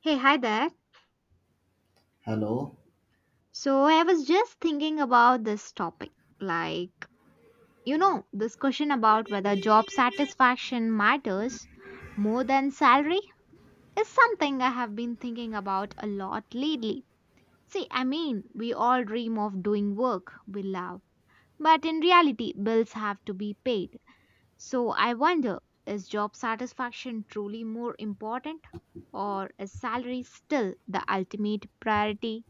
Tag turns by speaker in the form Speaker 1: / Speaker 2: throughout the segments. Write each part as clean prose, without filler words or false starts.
Speaker 1: Hey, hi there.
Speaker 2: Hello.
Speaker 1: So I was just thinking about this topic. Like, this question about whether job satisfaction matters more than salary is something I have been thinking about a lot lately. See, I mean, we all dream of doing work we love, but in reality, bills have to be paid. So I wonder, is job satisfaction truly more important, or is salary still the ultimate priority?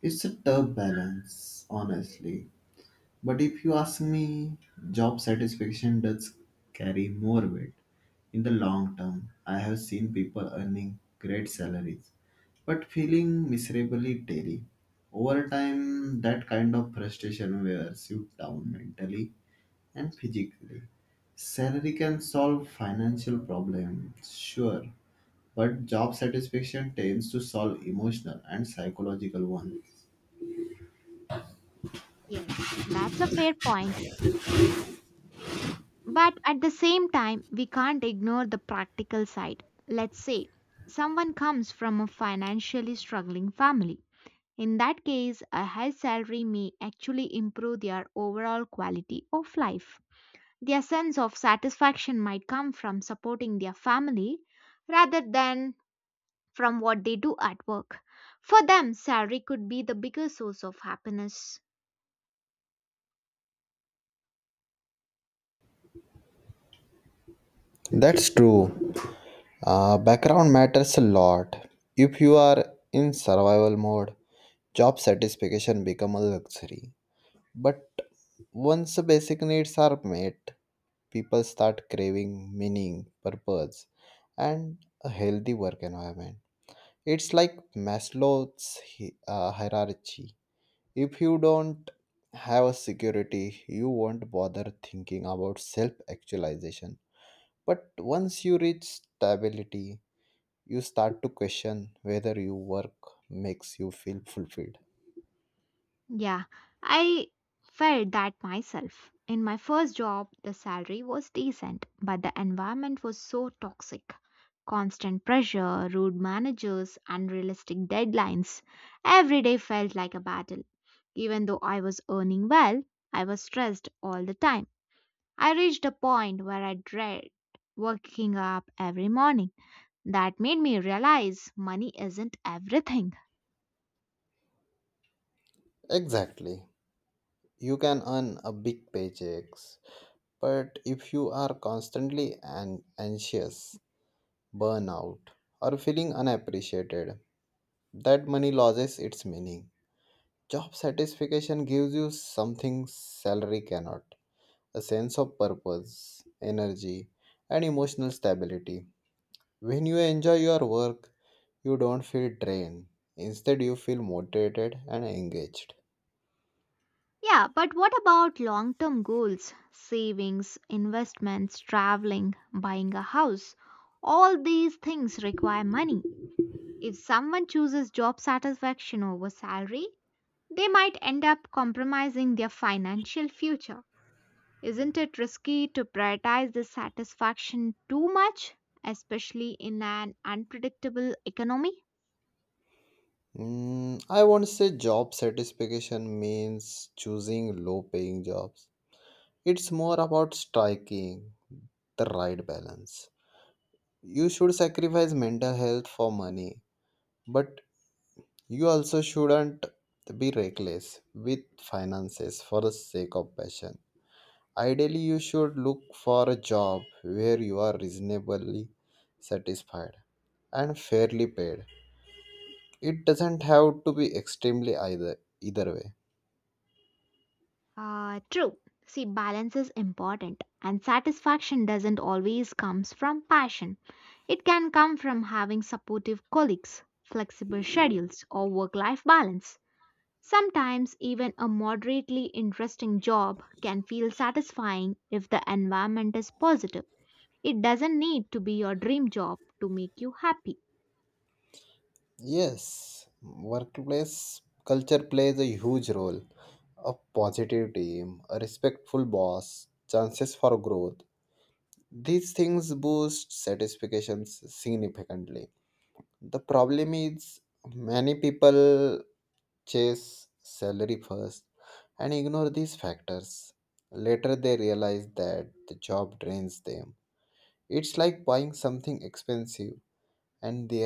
Speaker 2: It's a tough balance, honestly. But if you ask me, job satisfaction does carry more weight. In the long term, I have seen people earning great salaries but feeling miserably daily. Over time, that kind of frustration wears you down mentally and physically. Salary can solve financial problems, sure, but job satisfaction tends to solve emotional and psychological ones.
Speaker 1: Yes, that's a fair point. But at the same time, we can't ignore the practical side. Let's say someone comes from a financially struggling family. In that case, a high salary may actually improve their overall quality of life. Their sense of satisfaction might come from supporting their family rather than from what they do at work. For them, salary could be the biggest source of happiness.
Speaker 2: That's true. Background matters a lot. If you are in survival mode, job satisfaction become a luxury. But once the basic needs are met, people start craving meaning, purpose, and a healthy work environment. It's like Maslow's hierarchy. If you don't have a security, you won't bother thinking about self actualization. But once you reach stability, you start to question whether your work makes you feel fulfilled.
Speaker 1: Yeah, I felt that myself. In my first job, the salary was decent, but the environment was so toxic. Constant pressure, rude managers, unrealistic deadlines. Every day felt like a battle. Even though I was earning well, I was stressed all the time. I reached a point where I dread waking up every morning. That made me realize money isn't everything.
Speaker 2: Exactly. You can earn a big paychecks, but if you are constantly anxious, burnout, or feeling unappreciated, that money loses its meaning. Job satisfaction gives you something salary cannot, a sense of purpose, energy, and emotional stability. When you enjoy your work, you don't feel drained. Instead, you feel motivated and engaged.
Speaker 1: Yeah, but what about long term goals? Savings, investments, traveling, buying a house. All these things require money. If someone chooses job satisfaction over salary, they might end up compromising their financial future. Isn't it risky to prioritize this satisfaction too much, especially in an unpredictable economy?
Speaker 2: I won't say job satisfaction means choosing low paying jobs. It's more about striking the right balance. You should sacrifice mental health for money, but you also shouldn't be reckless with finances for the sake of passion. Ideally, you should look for a job where you are reasonably satisfied and fairly paid, it doesn't have to be extremely either either way.
Speaker 1: True. See, balance is important, and satisfaction doesn't always comes from passion. It can come from having supportive colleagues, flexible schedules, or work-life balance. Sometimes even a moderately interesting job can feel satisfying if the environment is positive. It doesn't need to be your dream job to make you happy.
Speaker 2: Yes, workplace culture plays a huge role, a positive team, a respectful boss, chances for growth, these things boost satisfactions significantly. The problem is, many people chase salary first and ignore these factors, later they realize that the job drains them. It's like buying something expensive and the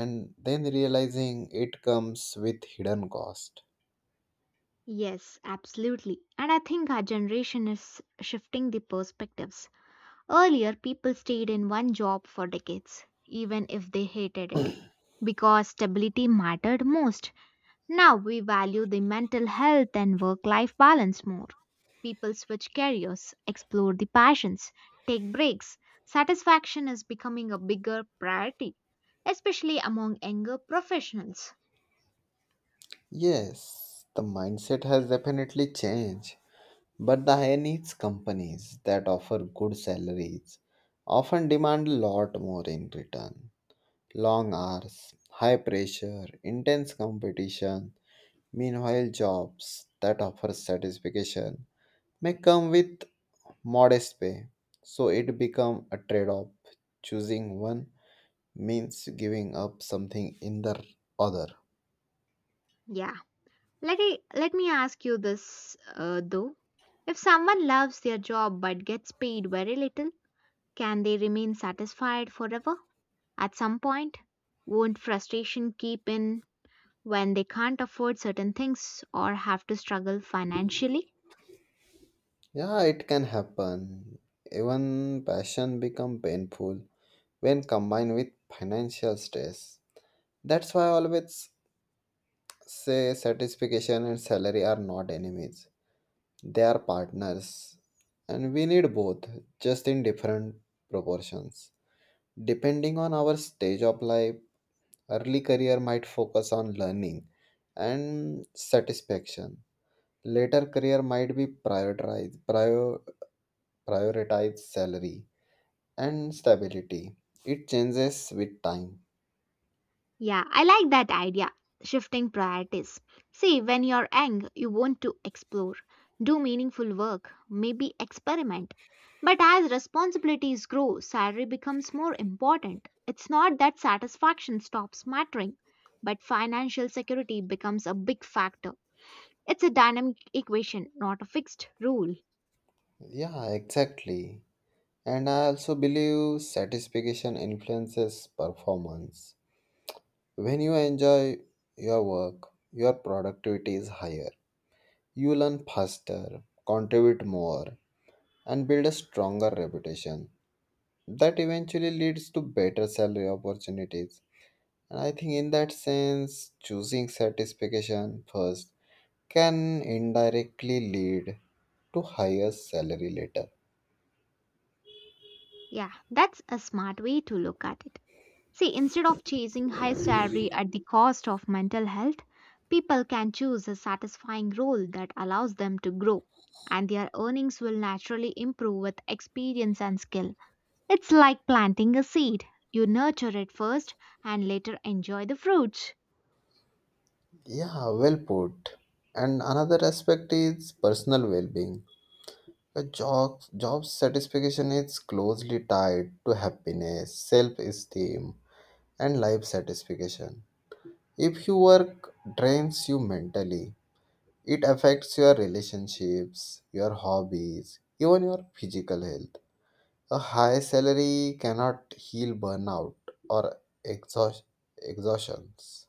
Speaker 2: and then realizing it comes with hidden cost.
Speaker 1: Yes, absolutely. And I think our generation is shifting the perspectives. Earlier, people stayed in one job for decades, even if they hated it, because stability mattered most. Now we value the mental health and work life balance more. People switch careers, explore the passions, take breaks. Satisfaction is becoming a bigger priority, especially among younger professionals.
Speaker 2: Yes, the mindset has definitely changed, but the high needs companies that offer good salaries often demand a lot more in return: long hours, high pressure, intense competition. Meanwhile, jobs that offer satisfaction may come with modest pay, so it becomes a trade off. Choosing one means giving up something in the other.
Speaker 1: Yeah. Let me ask you this though. If someone loves their job but gets paid very little, can they remain satisfied forever? At some point, won't frustration keep in when they can't afford certain things or have to struggle financially?
Speaker 2: Yeah, it can happen. Even passion become painful when combined with financial stress. That's why I always say satisfaction and salary are not enemies. They are partners, and we need both, just in different proportions. Depending on our stage of life, early career might focus on learning and satisfaction. Later career might prioritize salary and stability. It changes with time.
Speaker 1: Yeah, I like that idea. Shifting priorities. See, when you're young, you want to explore, do meaningful work, maybe experiment. But as responsibilities grow, salary becomes more important. It's not that satisfaction stops mattering, but financial security becomes a big factor. It's a dynamic equation, not a fixed rule.
Speaker 2: Yeah, exactly. And I also believe satisfaction influences performance. When you enjoy your work, your productivity is higher. You learn faster, contribute more, and build a stronger reputation. That eventually leads to better salary opportunities. And I think in that sense, choosing satisfaction first can indirectly lead to higher salary later.
Speaker 1: Yeah, that's a smart way to look at it. See, instead of chasing high salary at the cost of mental health, people can choose a satisfying role that allows them to grow, and their earnings will naturally improve with experience and skill. It's like planting a seed. You nurture it first and later enjoy the fruits.
Speaker 2: Yeah, well put. And another aspect is personal well-being. A job satisfaction is closely tied to happiness, self-esteem, and life satisfaction. If your work drains you mentally, it affects your relationships, your hobbies, even your physical health. A high salary cannot heal burnout or exhaust- exhaustions.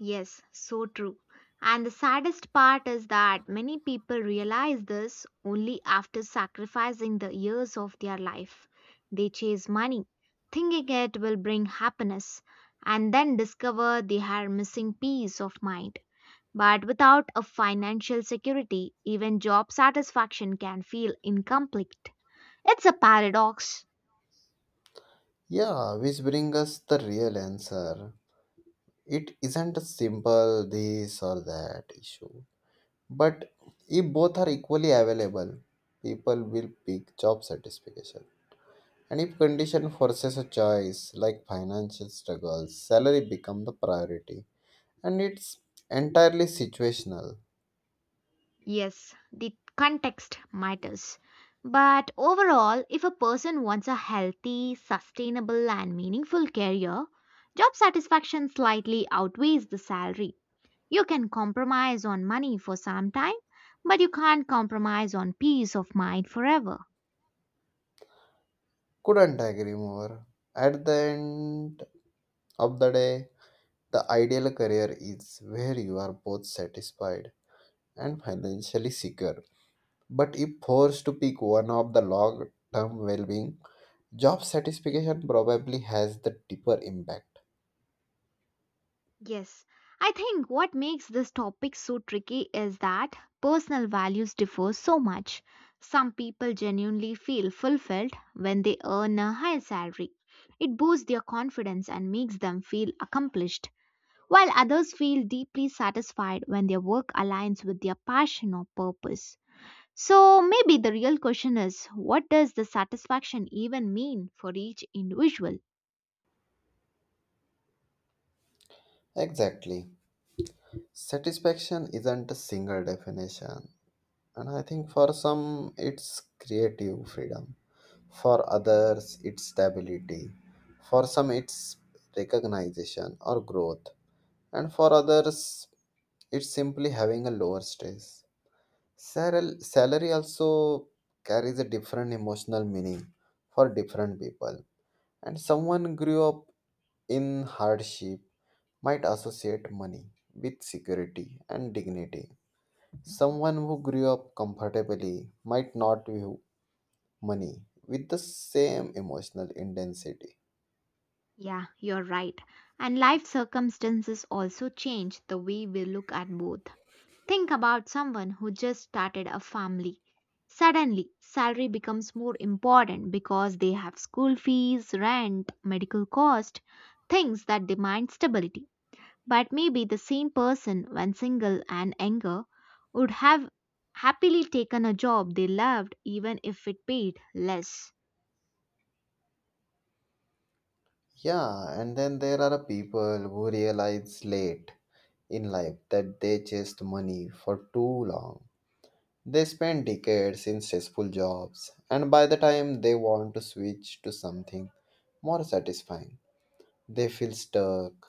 Speaker 1: Yes, so true. And the saddest part is that many people realize this only after sacrificing the years of their life. They chase money, thinking it will bring happiness, and then discover they are missing peace of mind. But without a financial security, even job satisfaction can feel incomplete. It's a paradox.
Speaker 2: Yeah, which brings us the real answer. It isn't a simple this or that issue. But if both are equally available, people will pick job satisfaction. And if condition forces a choice like financial struggles, salary become the priority. And it's entirely situational.
Speaker 1: Yes, the context matters. But overall, if a person wants a healthy, sustainable, and meaningful career, job satisfaction slightly outweighs the salary. You can compromise on money for some time, but you can't compromise on peace of mind forever.
Speaker 2: Couldn't agree more. At the end of the day, the ideal career is where you are both satisfied and financially secure. But if forced to pick one of the long term well being, job satisfaction probably has the deeper impact.
Speaker 1: Yes, I think what makes this topic so tricky is that personal values differ so much. Some people genuinely feel fulfilled when they earn a high salary. It boosts their confidence and makes them feel accomplished, while others feel deeply satisfied when their work aligns with their passion or purpose. So maybe the real question is, what does the satisfaction even mean for each individual?
Speaker 2: Exactly. Satisfaction isn't a single definition, and I think for some it's creative freedom. For others, it's stability. For some, it's recognition or growth. And for others, it's simply having a lower stress. Salary also carries a different emotional meaning for different people. And someone grew up in hardship might associate money with security and dignity. Someone who grew up comfortably might not view money with the same emotional intensity.
Speaker 1: Yeah, you're right. And life circumstances also change the way we look at both. Think about someone who just started a family. Suddenly, salary becomes more important because they have school fees, rent, medical cost, things that demand stability. But maybe the same person, when single and younger, would have happily taken a job they loved even if it paid less.
Speaker 2: Yeah, and then there are people who realize late in life that they chased money for too long. They spend decades in stressful jobs, and by the time they want to switch to something more satisfying, they feel stuck.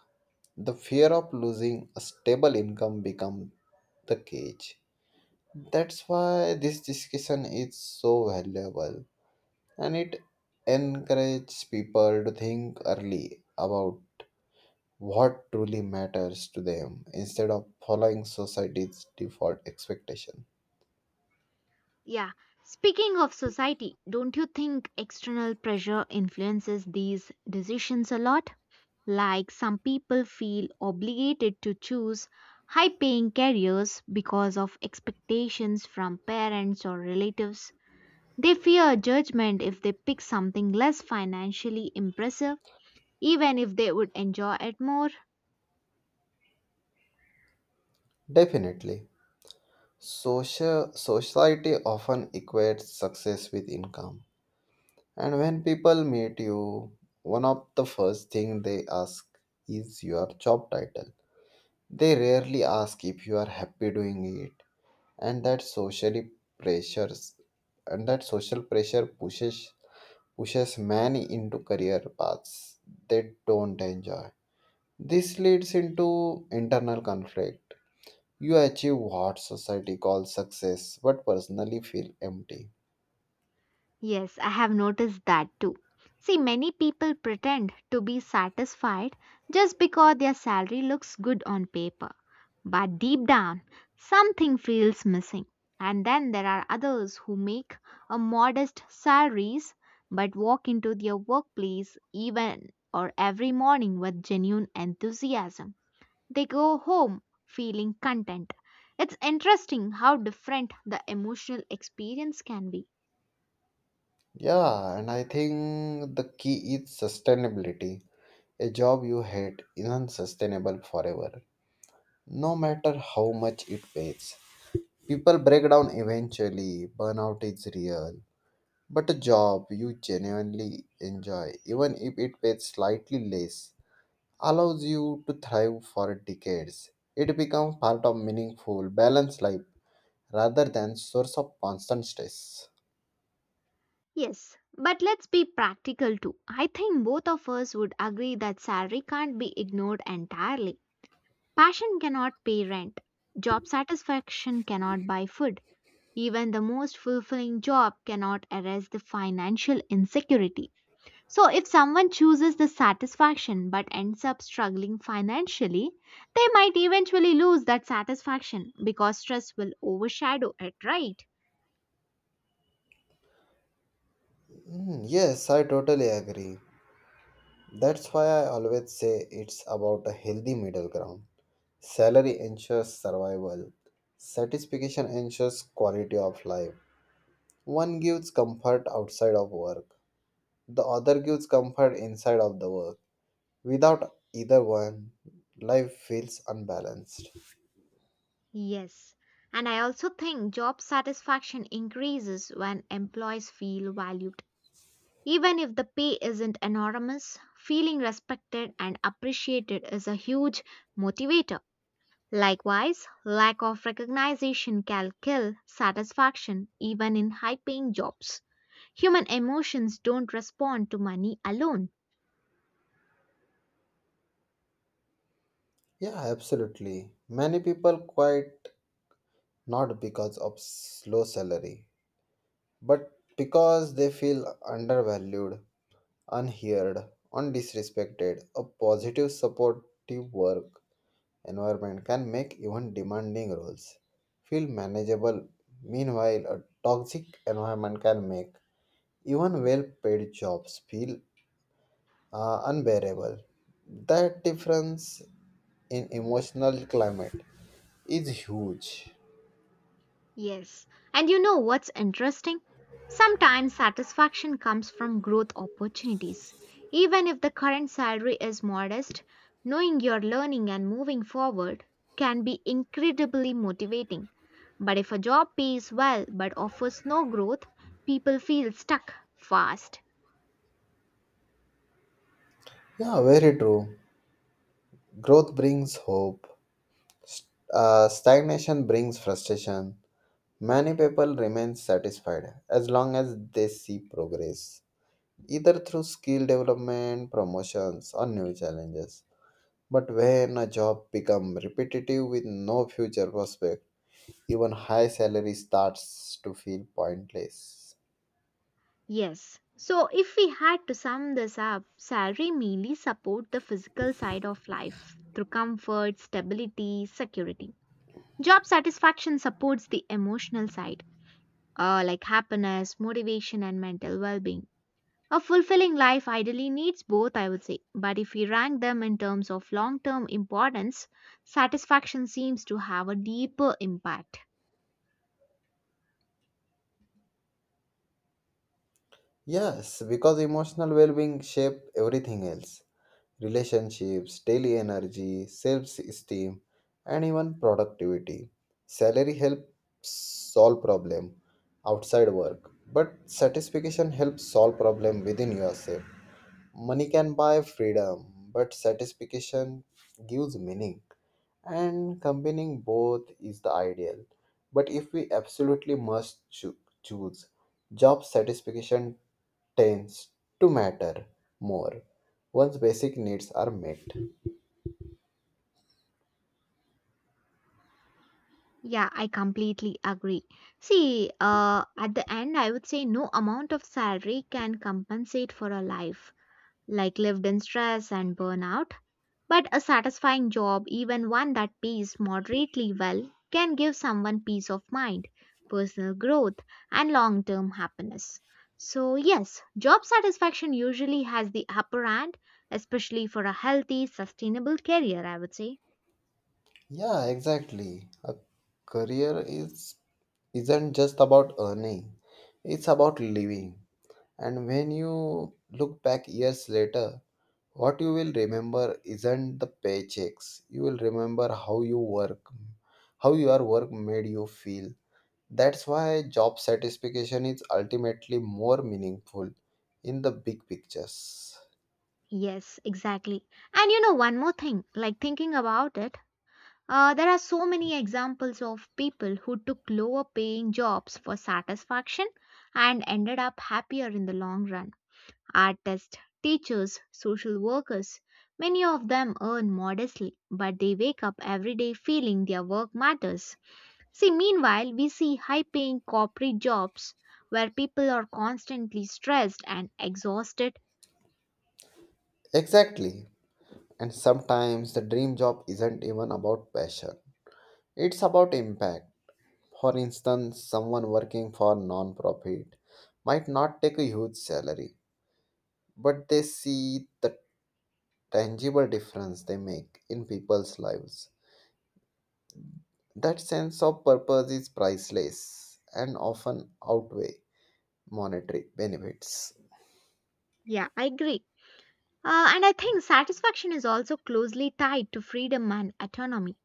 Speaker 2: The fear of losing a stable income becomes the cage. That's why this discussion is so valuable, and it encourages people to think early about what truly matters to them instead of following society's default expectation.
Speaker 1: Yeah. Speaking of society, don't you think external pressure influences these decisions a lot? Like some people feel obligated to choose high paying careers because of expectations from parents or relatives. They fear judgment if they pick something less financially impressive, even if they would enjoy it more.
Speaker 2: Definitely, social society often equates success with income. And when people meet you, one of the first thing they ask is your job title. They rarely ask if you are happy doing it, and pressures that social pressure pushes many into career paths they don't enjoy. This leads into internal conflict. You achieve what society calls success, but personally feel empty.
Speaker 1: Yes, I have noticed that too. See, many people pretend to be satisfied just because their salary looks good on paper. But deep down, something feels missing. And then there are others who make a modest salaries but walk into their workplace even or every morning with genuine enthusiasm. They go home feeling content. It's interesting how different the emotional experience can be.
Speaker 2: Yeah, and I think the key is sustainability. A job you hate isn't sustainable forever, no matter how much it pays. People break down eventually, burnout is real. But a job you genuinely enjoy, even if it pays slightly less, allows you to thrive for decades. It becomes part of meaningful, balanced life rather than source of constant stress.
Speaker 1: Yes, but let's be practical too. I think both of us would agree that salary can't be ignored entirely. Passion cannot pay rent, job satisfaction cannot buy food. Even the most fulfilling job cannot erase the financial insecurity. So, if someone chooses the satisfaction but ends up struggling financially, they might eventually lose that satisfaction because stress will overshadow it, right?
Speaker 2: Yes, I totally agree. That's why I always say it's about a healthy middle ground. Salary ensures survival. Satisfaction ensures quality of life. One gives comfort outside of work. The other gives comfort inside of the work. Without either one, life feels unbalanced.
Speaker 1: Yes. And I also think job satisfaction increases when employees feel valued. Even if the pay isn't enormous, feeling respected and appreciated is a huge motivator. Likewise, lack of recognition can kill satisfaction even in high paying jobs. Human emotions don't respond to money alone.
Speaker 2: Yeah, absolutely. Many people quit not because of low salary, but because they feel undervalued, unheard, undisrespected. A positive, supportive work environment can make even demanding roles feel manageable. Meanwhile, a toxic environment can make even well paid jobs feel unbearable. That difference in emotional climate is huge.
Speaker 1: Yes. And you know what's interesting? Sometimes satisfaction comes from growth opportunities. Even if the current salary is modest, knowing you're learning and moving forward can be incredibly motivating. But if a job pays well but offers no growth, people feel stuck fast.
Speaker 2: Yeah, very true. Growth brings hope. Stagnation brings frustration. Many people remain satisfied as long as they see progress, either through skill development, promotions, or new challenges. But when a job becomes repetitive with no future prospect, even high salary starts to feel pointless.
Speaker 1: Yes. So if we had to sum this up, salary mainly support the physical side of life through comfort, stability, security. Job satisfaction supports the emotional side, like happiness, motivation, and mental well being. A fulfilling life ideally needs both, I would say, but if we rank them in terms of long term importance, satisfaction seems to have a deeper impact.
Speaker 2: Yes, because emotional well being shapes everything else: relationships, daily energy, self-esteem, and even productivity. Salary helps solve problem outside work, but satisfaction helps solve problem within yourself. Money can buy freedom, but satisfaction gives meaning, and combining both is the ideal. But if we absolutely must choose, job satisfaction tends to matter more once basic needs are met.
Speaker 1: Yeah, I completely agree. See, at the end, I would say no amount of salary can compensate for a life like lived in stress and burnout. But a satisfying job, even one that pays moderately well, can give someone peace of mind, personal growth, and long term happiness. So, yes, job satisfaction usually has the upper hand, especially for a healthy, sustainable career, I would say.
Speaker 2: Yeah, exactly. A career is isn't just about earning. It's about living. And when you look back years later, what you will remember isn't the paychecks. You will remember how you work, how your work made you feel. That's why job satisfaction is ultimately more meaningful in the big pictures.
Speaker 1: Yes, exactly. And you know, one more thing, like thinking about it, there are so many examples of people who took lower paying jobs for satisfaction and ended up happier in the long run. Artists, teachers, social workers, many of them earn modestly, but they wake up every day feeling their work matters. See, meanwhile, we see high paying corporate jobs where people are constantly stressed and exhausted.
Speaker 2: Exactly. And sometimes the dream job isn't even about passion. It's about impact. For instance, someone working for non-profit might not take a huge salary, but they see the tangible difference they make in people's lives. That sense of purpose is priceless and often outweigh monetary benefits.
Speaker 1: Yeah, I agree. And I think satisfaction is also closely tied to freedom and autonomy.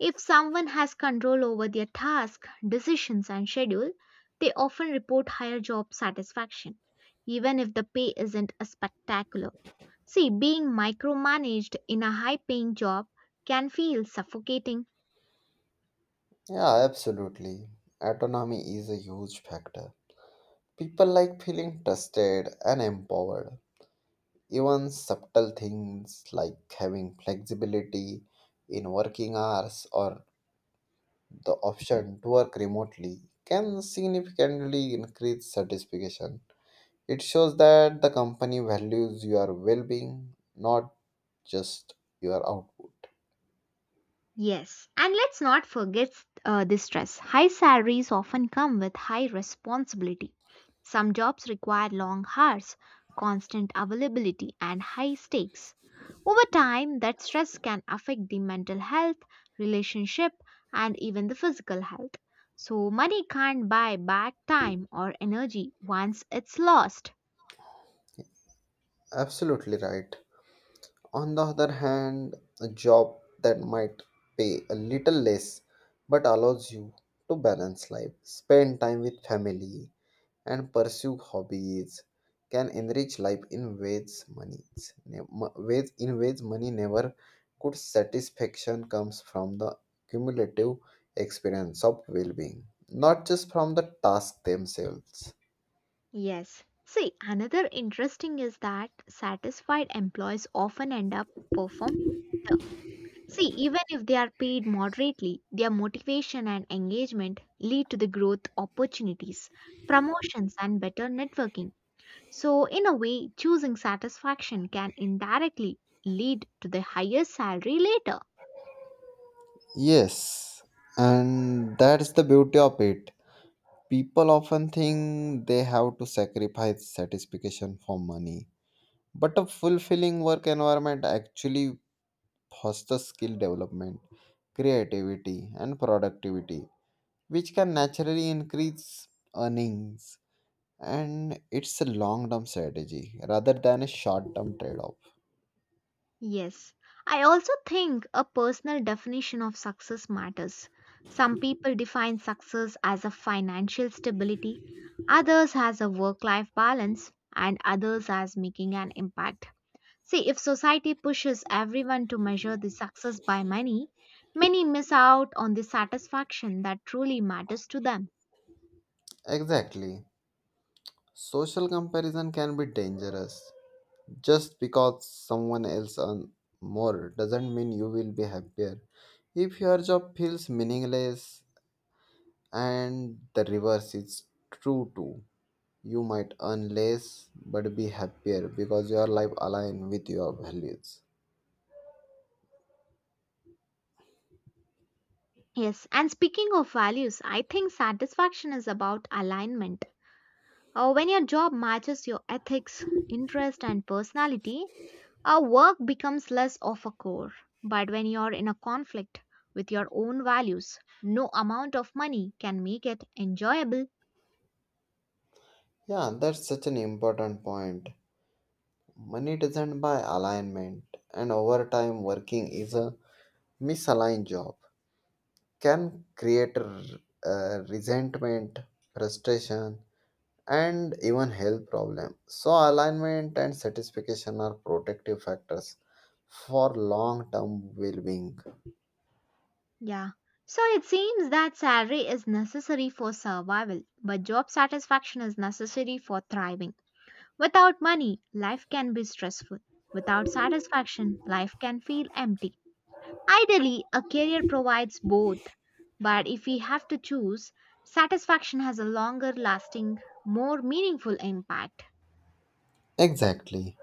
Speaker 1: If someone has control over their task, decisions, and schedule, they often report higher job satisfaction, even if the pay isn't a spectacular. See, being micromanaged in a high paying job can feel suffocating.
Speaker 2: Yeah, absolutely. Autonomy is a huge factor. People like feeling trusted and empowered. Even subtle things like having flexibility in working hours or the option to work remotely can significantly increase satisfaction. It shows that the company values your well being, not just your output.
Speaker 1: Yes, and let's not forget the stress. High salaries often come with high responsibility. Some jobs require long hours, constant availability, and high stakes. Over time, that stress can affect the mental health, relationship, and even the physical health. So, money can't buy back time or energy once it's lost.
Speaker 2: Absolutely right. On the other hand, a job that might pay a little less but allows you to balance life, spend time with family, and pursue hobbies can enrich life in ways money ways money never could. Satisfaction comes from the cumulative experience of well-being, not just from the task themselves.
Speaker 1: Yes. See, another interesting is that satisfied employees often end up performing. See, even if they are paid moderately, their motivation and engagement lead to the growth opportunities, promotions, and better networking. So, in a way, choosing satisfaction can indirectly lead to the higher salary later.
Speaker 2: Yes, and that's the beauty of it. People often think they have to sacrifice satisfaction for money, but a fulfilling work environment actually fosters skill development, creativity, and productivity, which can naturally increase earnings. And it's a long term strategy rather than a short term trade off.
Speaker 1: Yes, I also think a personal definition of success matters. Some people define success as a financial stability, others as a work life balance, and others as making an impact. See, if society pushes everyone to measure the success by money, many miss out on the satisfaction that truly matters to them.
Speaker 2: Exactly. Social comparison can be dangerous. Just because someone else earns more doesn't mean you will be happier. If your job feels meaningless, and the reverse is true too, you might earn less but be happier because your life aligns with your values.
Speaker 1: Yes, and speaking of values, I think satisfaction is about alignment. When your job matches your ethics, interest, and personality, our work becomes less of a chore. But when you're in a conflict with your own values, no amount of money can make it enjoyable.
Speaker 2: Yeah, that's such an important point. Money doesn't buy alignment, and overtime working is a misaligned job can create resentment, frustration, and even health problem. So alignment and satisfaction are protective factors for long-term well-being.
Speaker 1: Yeah. So it seems that salary is necessary for survival, but job satisfaction is necessary for thriving. Without money, life can be stressful. Without satisfaction, life can feel empty. Ideally, a career provides both, but if we have to choose, satisfaction has a longer lasting, more meaningful impact.
Speaker 2: Exactly.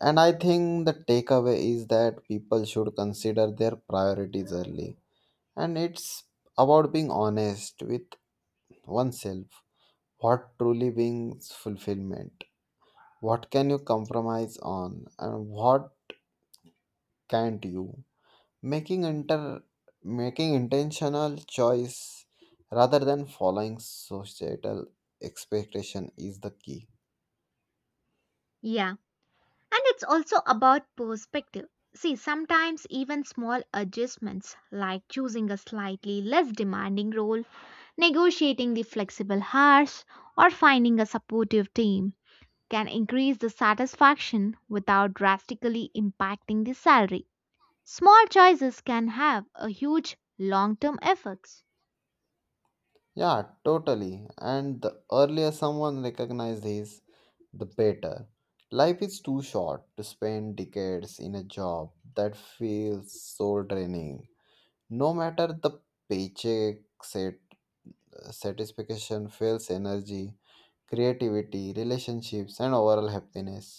Speaker 2: And I think the takeaway is that people should consider their priorities early. And it's about being honest with oneself. What truly brings fulfillment? What can you compromise on? And what can't you? making inter Making intentional choice rather than following societal expectation is the key.
Speaker 1: Yeah. And it's also about perspective. See, sometimes even small adjustments like choosing a slightly less demanding role, negotiating the flexible hours, or finding a supportive team can increase the satisfaction without drastically impacting the salary. Small choices can have a huge long term effects.
Speaker 2: Yeah, totally, and the earlier someone recognizes this the better. Life is too short to spend decades in a job that feels soul draining, no matter the paycheck. Satisfaction fails energy, creativity, relationships, and overall happiness.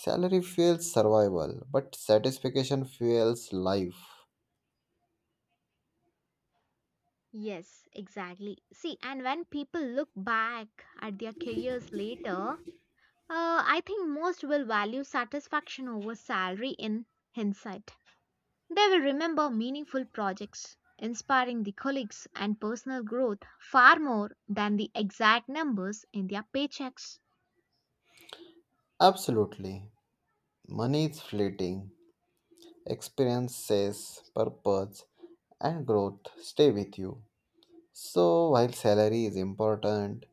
Speaker 2: Salary fuels survival, but satisfaction fuels life.
Speaker 1: Yes, exactly. See, and when people look back at their careers later, I think most will value satisfaction over salary in hindsight. They will remember meaningful projects, inspiring the colleagues, and personal growth far more than the exact numbers in their paychecks.
Speaker 2: Absolutely. Money is fleeting. Experiences, purpose, and growth stay with you. So, while salary is important,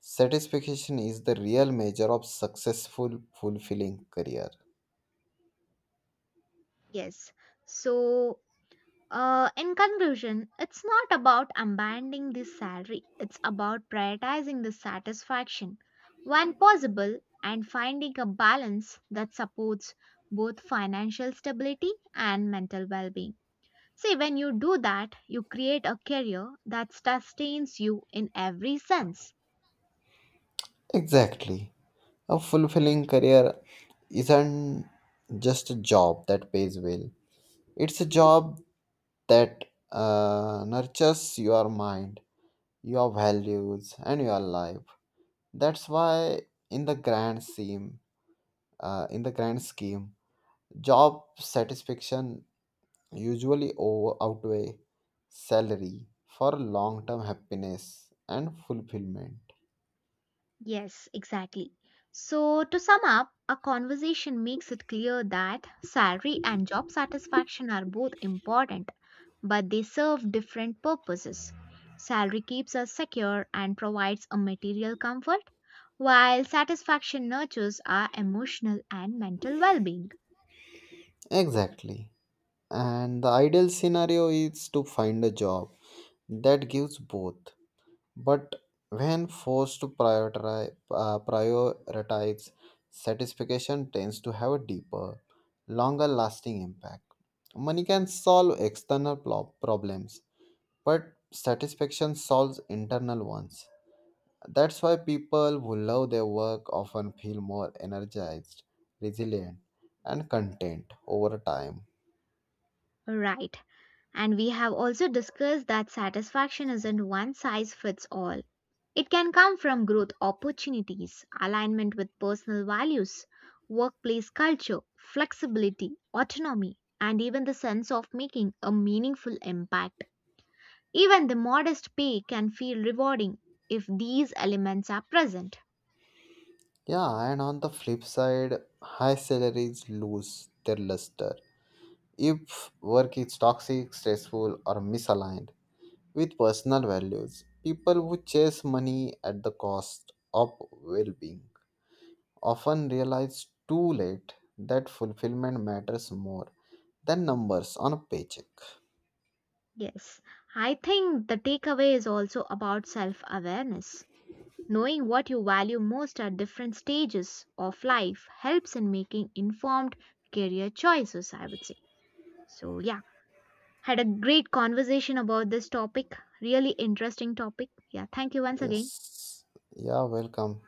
Speaker 2: satisfaction is the real measure of successful, fulfilling career.
Speaker 1: Yes. So, in conclusion, it's not about abandoning the salary, it's about prioritizing the satisfaction when possible and finding a balance that supports both financial stability and mental well being. See, when you do that, you create a career that sustains you in every sense.
Speaker 2: Exactly. A fulfilling career isn't just a job that pays well. It's a job that nurtures your mind, your values, and your life. That's why in the grand scheme in the grand scheme, job satisfaction usually over outweigh salary for long term happiness and fulfillment.
Speaker 1: Yes, exactly. So, to sum up, our conversation makes it clear that salary and job satisfaction are both important, but they serve different purposes. Salary keeps us secure and provides a material comfort, while satisfaction nurtures our emotional and mental well being.
Speaker 2: Exactly, and the ideal scenario is to find a job that gives both. But when forced to prioritize, satisfaction tends to have a deeper, longer lasting impact. Money can solve external problems, but satisfaction solves internal ones. That's why people who love their work often feel more energized, resilient, and content over time.
Speaker 1: Right. And we have also discussed that satisfaction isn't one size fits all. It can come from growth opportunities, alignment with personal values, workplace culture, flexibility, autonomy, and even the sense of making a meaningful impact. Even the modest pay can feel rewarding if these elements are present.
Speaker 2: Yeah, and on the flip side, high salaries lose their luster if work is toxic, stressful, or misaligned with personal values. People who chase money at the cost of well being often realize too late that fulfillment matters more than numbers on a paycheck.
Speaker 1: Yes, I think the takeaway is also about self awareness. Knowing what you value most at different stages of life helps in making informed career choices, I would say. So, yeah, had a great conversation about this topic. Really interesting topic. Yeah, thank you once again.
Speaker 2: Yes, yeah, welcome.